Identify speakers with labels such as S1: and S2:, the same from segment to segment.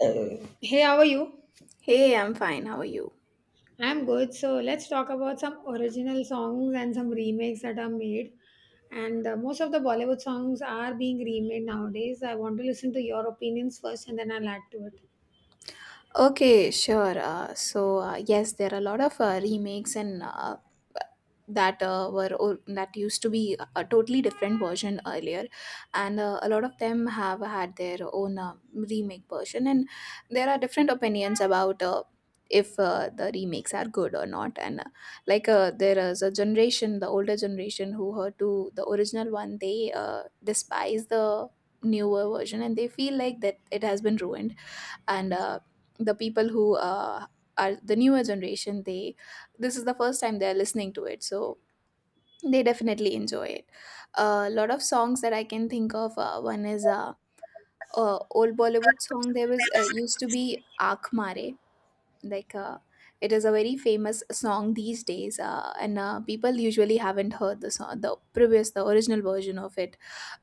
S1: Hey, how are you?
S2: Hey, I'm fine. How are you?
S1: I'm good. So let's talk about some original songs and some remakes that are made. And most of the Bollywood songs are being remade nowadays. I want to listen to your opinions first and then I'll add to it.
S2: Okay, sure. So yes, there are a lot of remakes and that used to be a totally different version earlier, and a lot of them have had their own remake version, and there are different opinions about. If the remakes are good or not, and like there is a generation, the older generation who heard to the original one, they despise the newer version, and they feel like that it has been ruined, and the people who are the newer generation, they, this is the first time they're listening to it, so they definitely enjoy it. A lot of songs that I can think of, one is old Bollywood song. There was used to be Aakh Mare, like it is a very famous song these days, and people usually haven't heard the song, the original version of it.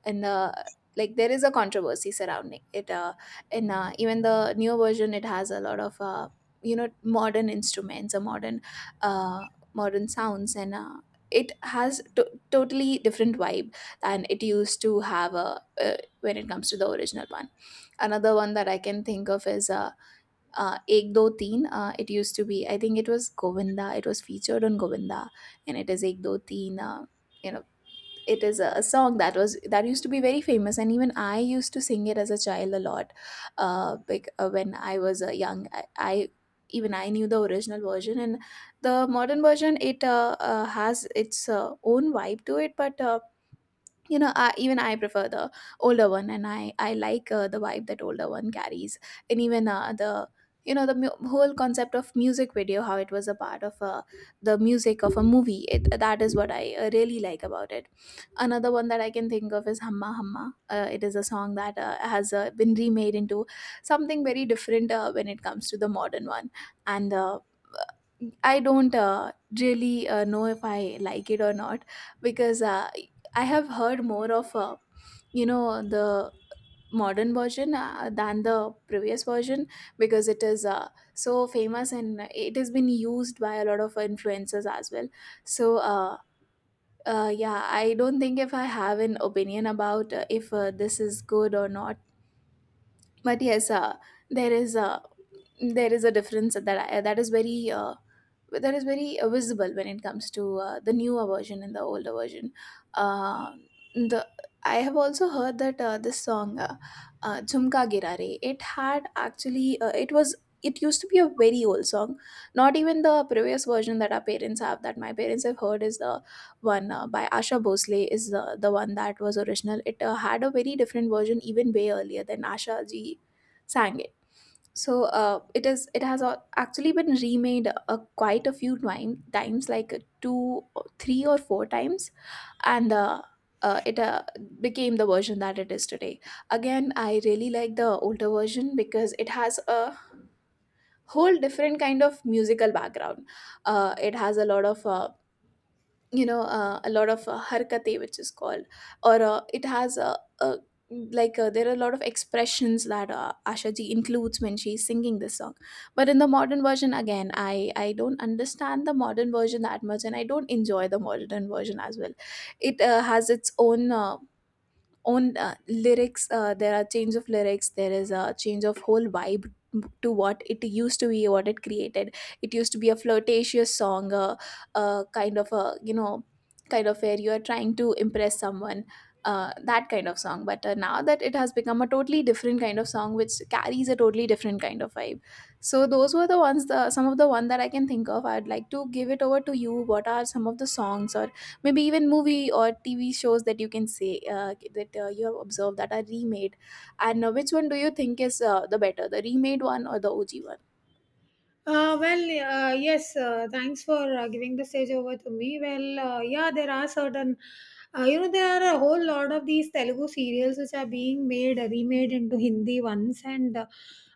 S2: And the like there is a controversy surrounding it, and even the new version, it has a lot of modern instruments, or uh, modern sounds, and it has totally different vibe than it used to have, when it comes to the original one. Another one that I can think of is Ek Do Teen. It used to be, I think it was Govinda. It was featured on Govinda, and it is Ek Do Teen. You know, it is a song that used to be very famous, and even I used to sing it as a child a lot. When I was young, I even I knew the original version, and the modern version, it has its own vibe to it, but even I prefer the older one, and I like the vibe that older one carries. And even the whole concept of music video, how it was a part of the music of a movie, that is what I really like about it. Another one that I can think of is Hamma Hamma. It is a song that has been remade into something very different when it comes to the modern one. And I don't really know if I like it or not, because I have heard more of, the modern version, than the previous version, because it is so famous, and it has been used by a lot of influencers as well. So yeah, I don't think if I have an opinion about if this is good or not. But yes, there is a there is a difference that is very but that is very visible when it comes to the newer version and the older version. Uh, the I have also heard that this song "Jhumka Girare", it had actually it was it used to be a very old song. Not even the previous version that my parents have heard is the one by Asha Bhosle is the one that was original. It had a very different version even way earlier than Asha ji sang it, so it is. It has actually been remade quite a few times, like two, or three, or four times, and it became the version that it is today. Again, I really like the older version, because it has a whole different kind of musical background. It has a lot of a lot of harkate which is called, or it has a like there are a lot of expressions that Asha ji includes when she's singing this song. But in the modern version, again I don't understand the modern version that much, and I don't enjoy the modern version as well. It has its own, on lyrics. There are change of lyrics, there is a change of whole vibe to what it used to be, what it created. It used to be a flirtatious song, a kind of a, kind of where you are trying to impress someone, that kind of song. But now that it has become a totally different kind of song, which carries a totally different kind of vibe. So those were the ones, the some of the one that I can think of. I'd like to give it over to you. What are some of the songs, or maybe even movie or TV shows, that you can say that you have observed that are remade? And which one do you think is the better, the remade one or the OG one?
S1: Uh, well, yes, thanks for giving the stage over to me. Well, yeah, there are certain, you know, there are a whole lot of these Telugu serials which are being made, remade into Hindi ones, and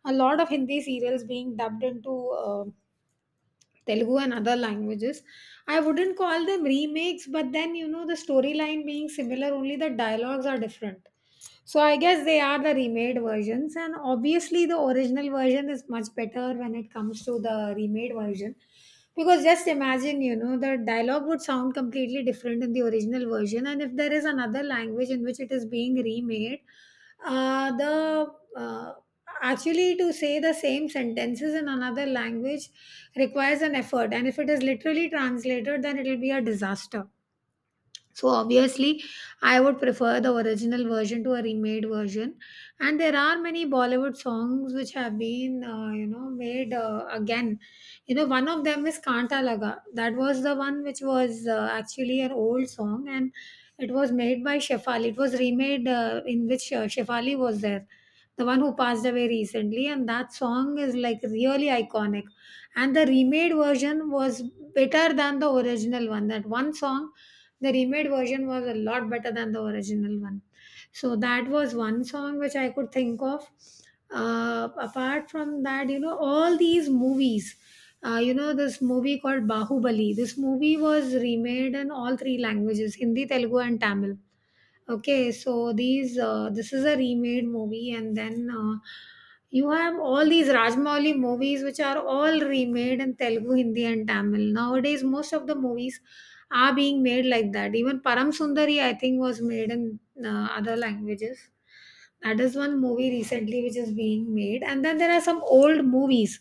S1: a lot of Hindi serials being dubbed into. Telugu and other languages. I wouldn't call them remakes, but then you know the storyline being similar, only the dialogues are different. So I guess they are the remade versions, and obviously the original version is much better when it comes to the remade version. Because just imagine, you know, the dialogue would sound completely different in the original version, and if there is another language in which it is being remade, the actually to say the same sentences in another language requires an effort. And if it is literally translated, then it will be a disaster. So obviously, I would prefer the original version to a remade version. And there are many Bollywood songs which have been, you know, made again. You know, one of them is Kanta Laga. That was the one which was actually an old song, and it was made by Shefali. It was remade in which Shefali was there, the one who passed away recently. And that song is like really iconic. And the remade version was better than the original one. That one song, the remade version was a lot better than the original one. So that was one song which I could think of. Apart from that, you know, all these movies, you know, this movie called Bahubali, this movie was remade in all three languages: Hindi, Telugu, and Tamil. Okay, so these this is a remade movie. And then you have all these Rajmouli movies which are all remade in Telugu, Hindi, and Tamil. Nowadays most of the movies are being made like that. Even Param Sundari, I think, was made in other languages. That is one movie recently which is being made. And then there are some old movies,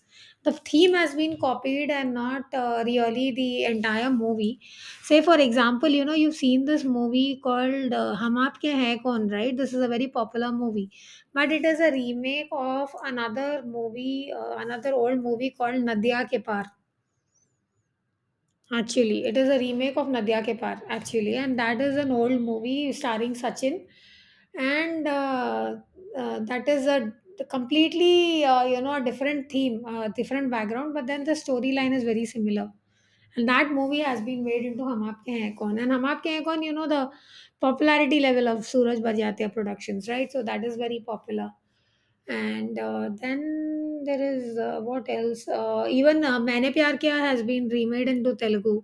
S1: the theme has been copied and not really the entire movie. Say, for example, you know, you've seen this movie called Hum Aapke Hai Kaun, right? This is a very popular movie, but it is a remake of another movie, another old movie called Nadia Ke Paar. Actually, it is a remake of Nadia Ke Paar, actually, and that is an old movie starring Sachin, and that is a completely you know a different theme, different background, but then the storyline is very similar. And that movie has been made into Hum Aapke Hain Kaun, and Hum Aapke Hain Kaun, you know the popularity level of Suraj Bhatia Productions, right? So that is very popular. And then there is what else even maine pyar kiya has been remade into Telugu.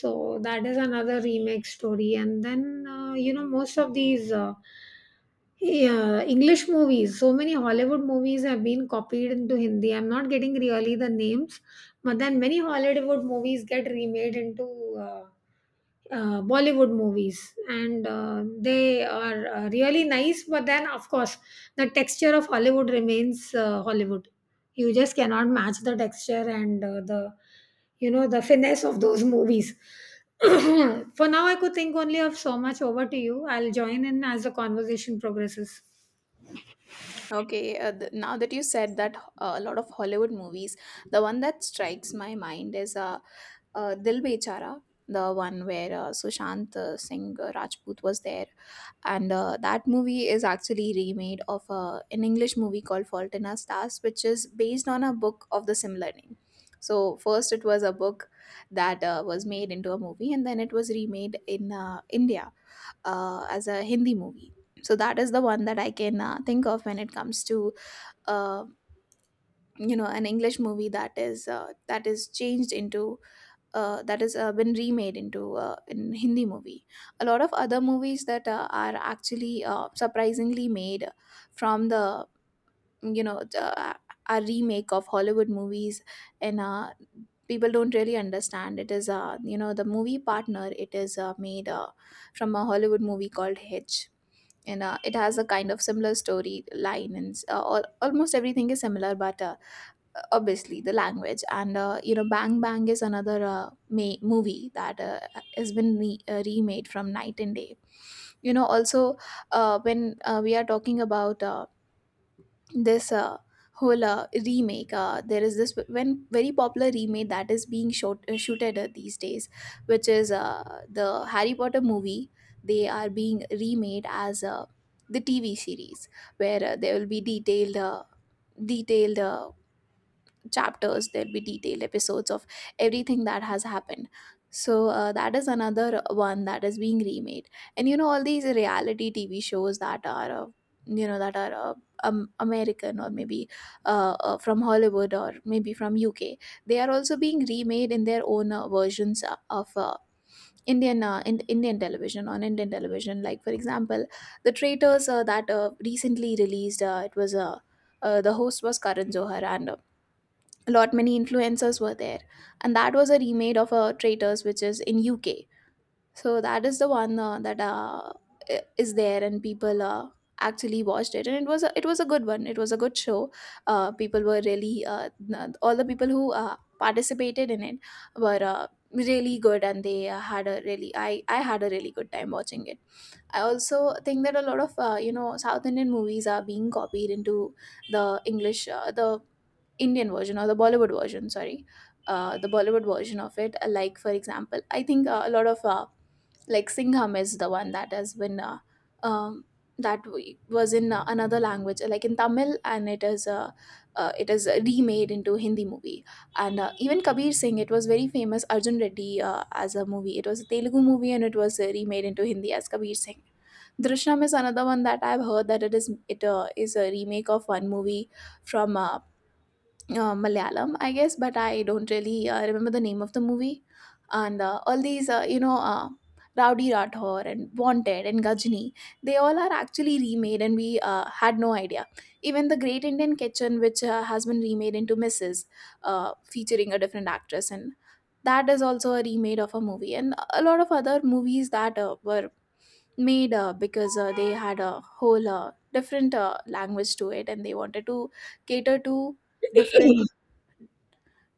S1: So that is another remake story. And then you know, most of these, yeah, English movies. So many Hollywood movies have been copied into Hindi. I'm not getting really the names, but then many Hollywood movies get remade into uh, Bollywood movies, and they are really nice. But then, of course, the texture of Hollywood remains Hollywood. You just cannot match the texture and the you know the finesse of those movies. For now, I could think only of so much. Over to you. I'll join in as the conversation progresses.
S2: Okay, now that you said that a lot of Hollywood movies, the one that strikes my mind is Dil Bechara, the one where Sushant Singh Rajput was there, and that movie is actually remade of an English movie called Fault in Our Stars, which is based on a book of the similar name. So first it was a book that was made into a movie, and then it was remade in India, as a Hindi movie. So that is the one that I can think of when it comes to uh, an English movie that is changed into, that has been remade into in Hindi movie. A lot of other movies that are actually surprisingly made from the, you know the, uh, a remake of Hollywood movies, and people don't really understand. It is, the movie Partner. It is made from a Hollywood movie called Hitch. And it has a kind of similar story line, and almost everything is similar, but obviously the language. And Bang Bang is another movie that has been remade from Night and Day. You know, also, when we are talking about this whole remake, there is this when very popular remake that is being shot shooted these days, which is the Harry Potter movie. They are being remade as the TV series, where there will be detailed chapters, there'll be detailed episodes of everything that has happened. So that is another one that is being remade. And you know, all these reality TV shows that are, you know that are uh, American, or maybe from Hollywood, or maybe from UK, they are also being remade in their own versions of Indian, Indian television, on Indian television, like for example the Traitors that recently released. It was, the host was Karan Johar, and a lot many influencers were there. And that was a remade of a Traitors which is in UK. So that is the one that is there, and people actually watched it, and it was a good one, it was a good show. People were really n- All the people who participated in it were really good, and they had a really I had a really good time watching it. I also think that a lot of South Indian movies are being copied into the Indian version, or the Bollywood version, sorry, the Bollywood version of it. Like for example, I think a lot of, like Singham is the one that has been, um, that was in another language, like in Tamil, and it is, it is remade into Hindi movie. And even Kabir Singh, it was very famous Arjun Reddy as a movie. It was a Telugu movie, and it was remade into Hindi as Kabir Singh. Drishnam is another one that I've heard that it is a remake of one movie from Malayalam, I guess, but I don't really remember the name of the movie. And all these, Rowdy Rathore and Wanted and Gajini, they all are actually remade, and we had no idea. Even The Great Indian Kitchen, which has been remade into Mrs., featuring a different actress, and that is also a remade of a movie. And a lot of other movies that were made because they had a whole different language to it, and they wanted to cater to different—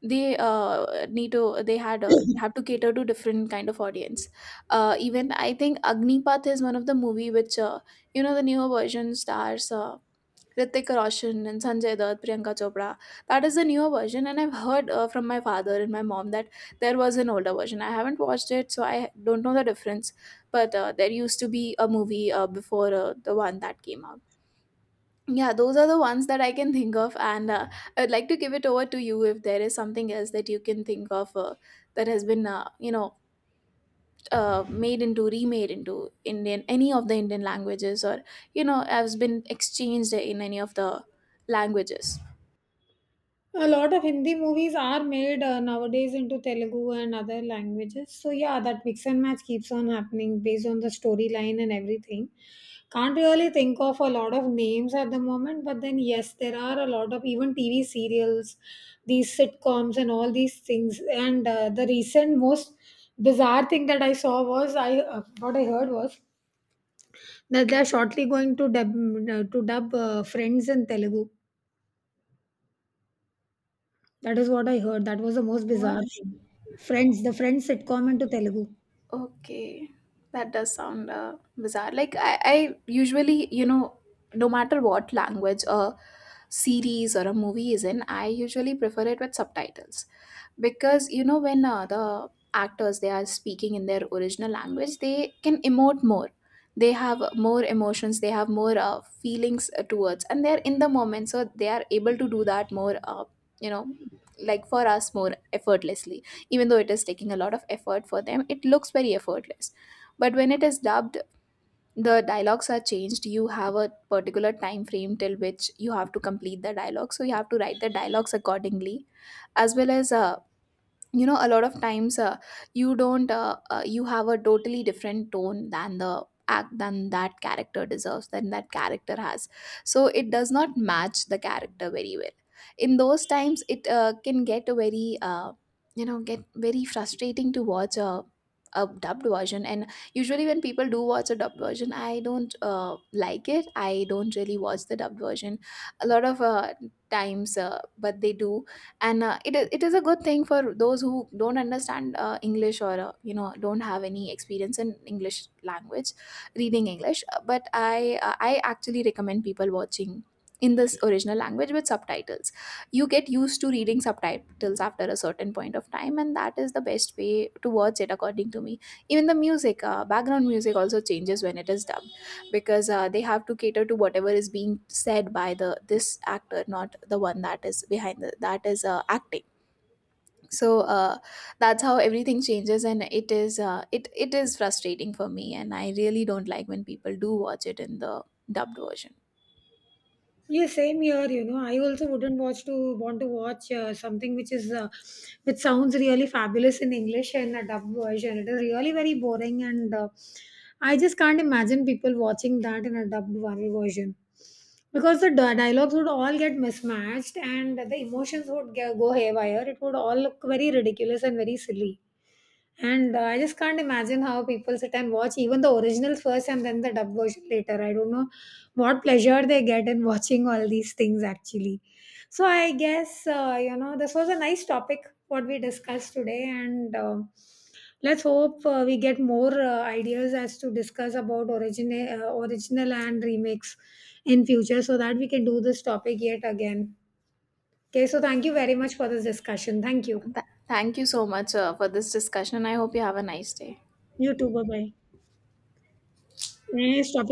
S2: they need to they had have to cater to different kind of audience. Even I think Agnipath is one of the movie which, you know, the newer version stars Ritik Roshan and Sanjay Dutt, Priyanka Chopra. That is the newer version, and I've heard from my father and my mom that there was an older version. I haven't watched it, so I don't know the difference. But there used to be a movie before the one that came out. Yeah, those are the ones that I can think of, and I'd like to give it over to you if there is something else that you can think of that has been, made into, remade into Indian, any of the Indian languages, or, you know, has been exchanged in any of the languages.
S1: A lot of Hindi movies are made nowadays into Telugu and other languages. So yeah, that mix and match keeps on happening based on the storyline and everything. Can't really think of a lot of names at the moment, but then yes, there are a lot of even TV serials, these sitcoms and all these things. And the recent most bizarre thing that I saw was I what I heard was that they are shortly going to dub Friends in Telugu. That is what I heard. That was the most
S2: What?
S1: bizarre thing. Friends, the Friends sitcom into Telugu.
S2: Okay, that does sound bizarre. Like I usually, you know, no matter what language a series or a movie is in, I usually prefer it with subtitles, because, you know, when the actors, they are speaking in their original language, they can emote more. They have more emotions. They have more feelings towards, and they're in the moment, so they are able to do that more. You know, like for us, more effortlessly. Even though it is taking a lot of effort for them, it looks very effortless. But when it is dubbed, the dialogues are changed. You have a particular time frame till which you have to complete the dialogue, so you have to write the dialogues accordingly, as well as you know, a lot of times you don't you have a totally different tone than the act than that character deserves, than that character has, so it does not match the character very well. In those times it can get a very you know, get very frustrating to watch a dubbed version. And usually when people do watch a dubbed version, I don't, like it. I don't really watch the dubbed version a lot of times, but they do. And it is a good thing for those who don't understand English, or, you know, don't have any experience in English language, reading English. But I actually recommend people watching in this original language with subtitles. You get used to reading subtitles after a certain point of time, and that is the best way to watch it according to me. Even the music, background music also changes when it is dubbed, because they have to cater to whatever is being said by the— this actor, not the one that is behind, the that is acting. So that's how everything changes, and it is— it, it is frustrating for me, and I really don't like when people do watch it in the dubbed version.
S1: Yeah, same here. You know, I also wouldn't watch to want to watch something which is which sounds really fabulous in English, and a dub version. It is really very boring, and I just can't imagine people watching that in a dubbed one version, because the dialogues would all get mismatched and the emotions would go haywire. It would all look very ridiculous and very silly. And I just can't imagine how people sit and watch even the originals first and then the dub version later. I don't know what pleasure they get in watching all these things actually. So I guess, you know, this was a nice topic what we discussed today. And let's hope we get more ideas as to discuss about original and remakes in future so that we can do this topic yet again. Okay, so thank you very much for this discussion. Thank you.
S2: Thank you so much for this discussion. I hope you have a nice day.
S1: You too. Bye bye. Nice talking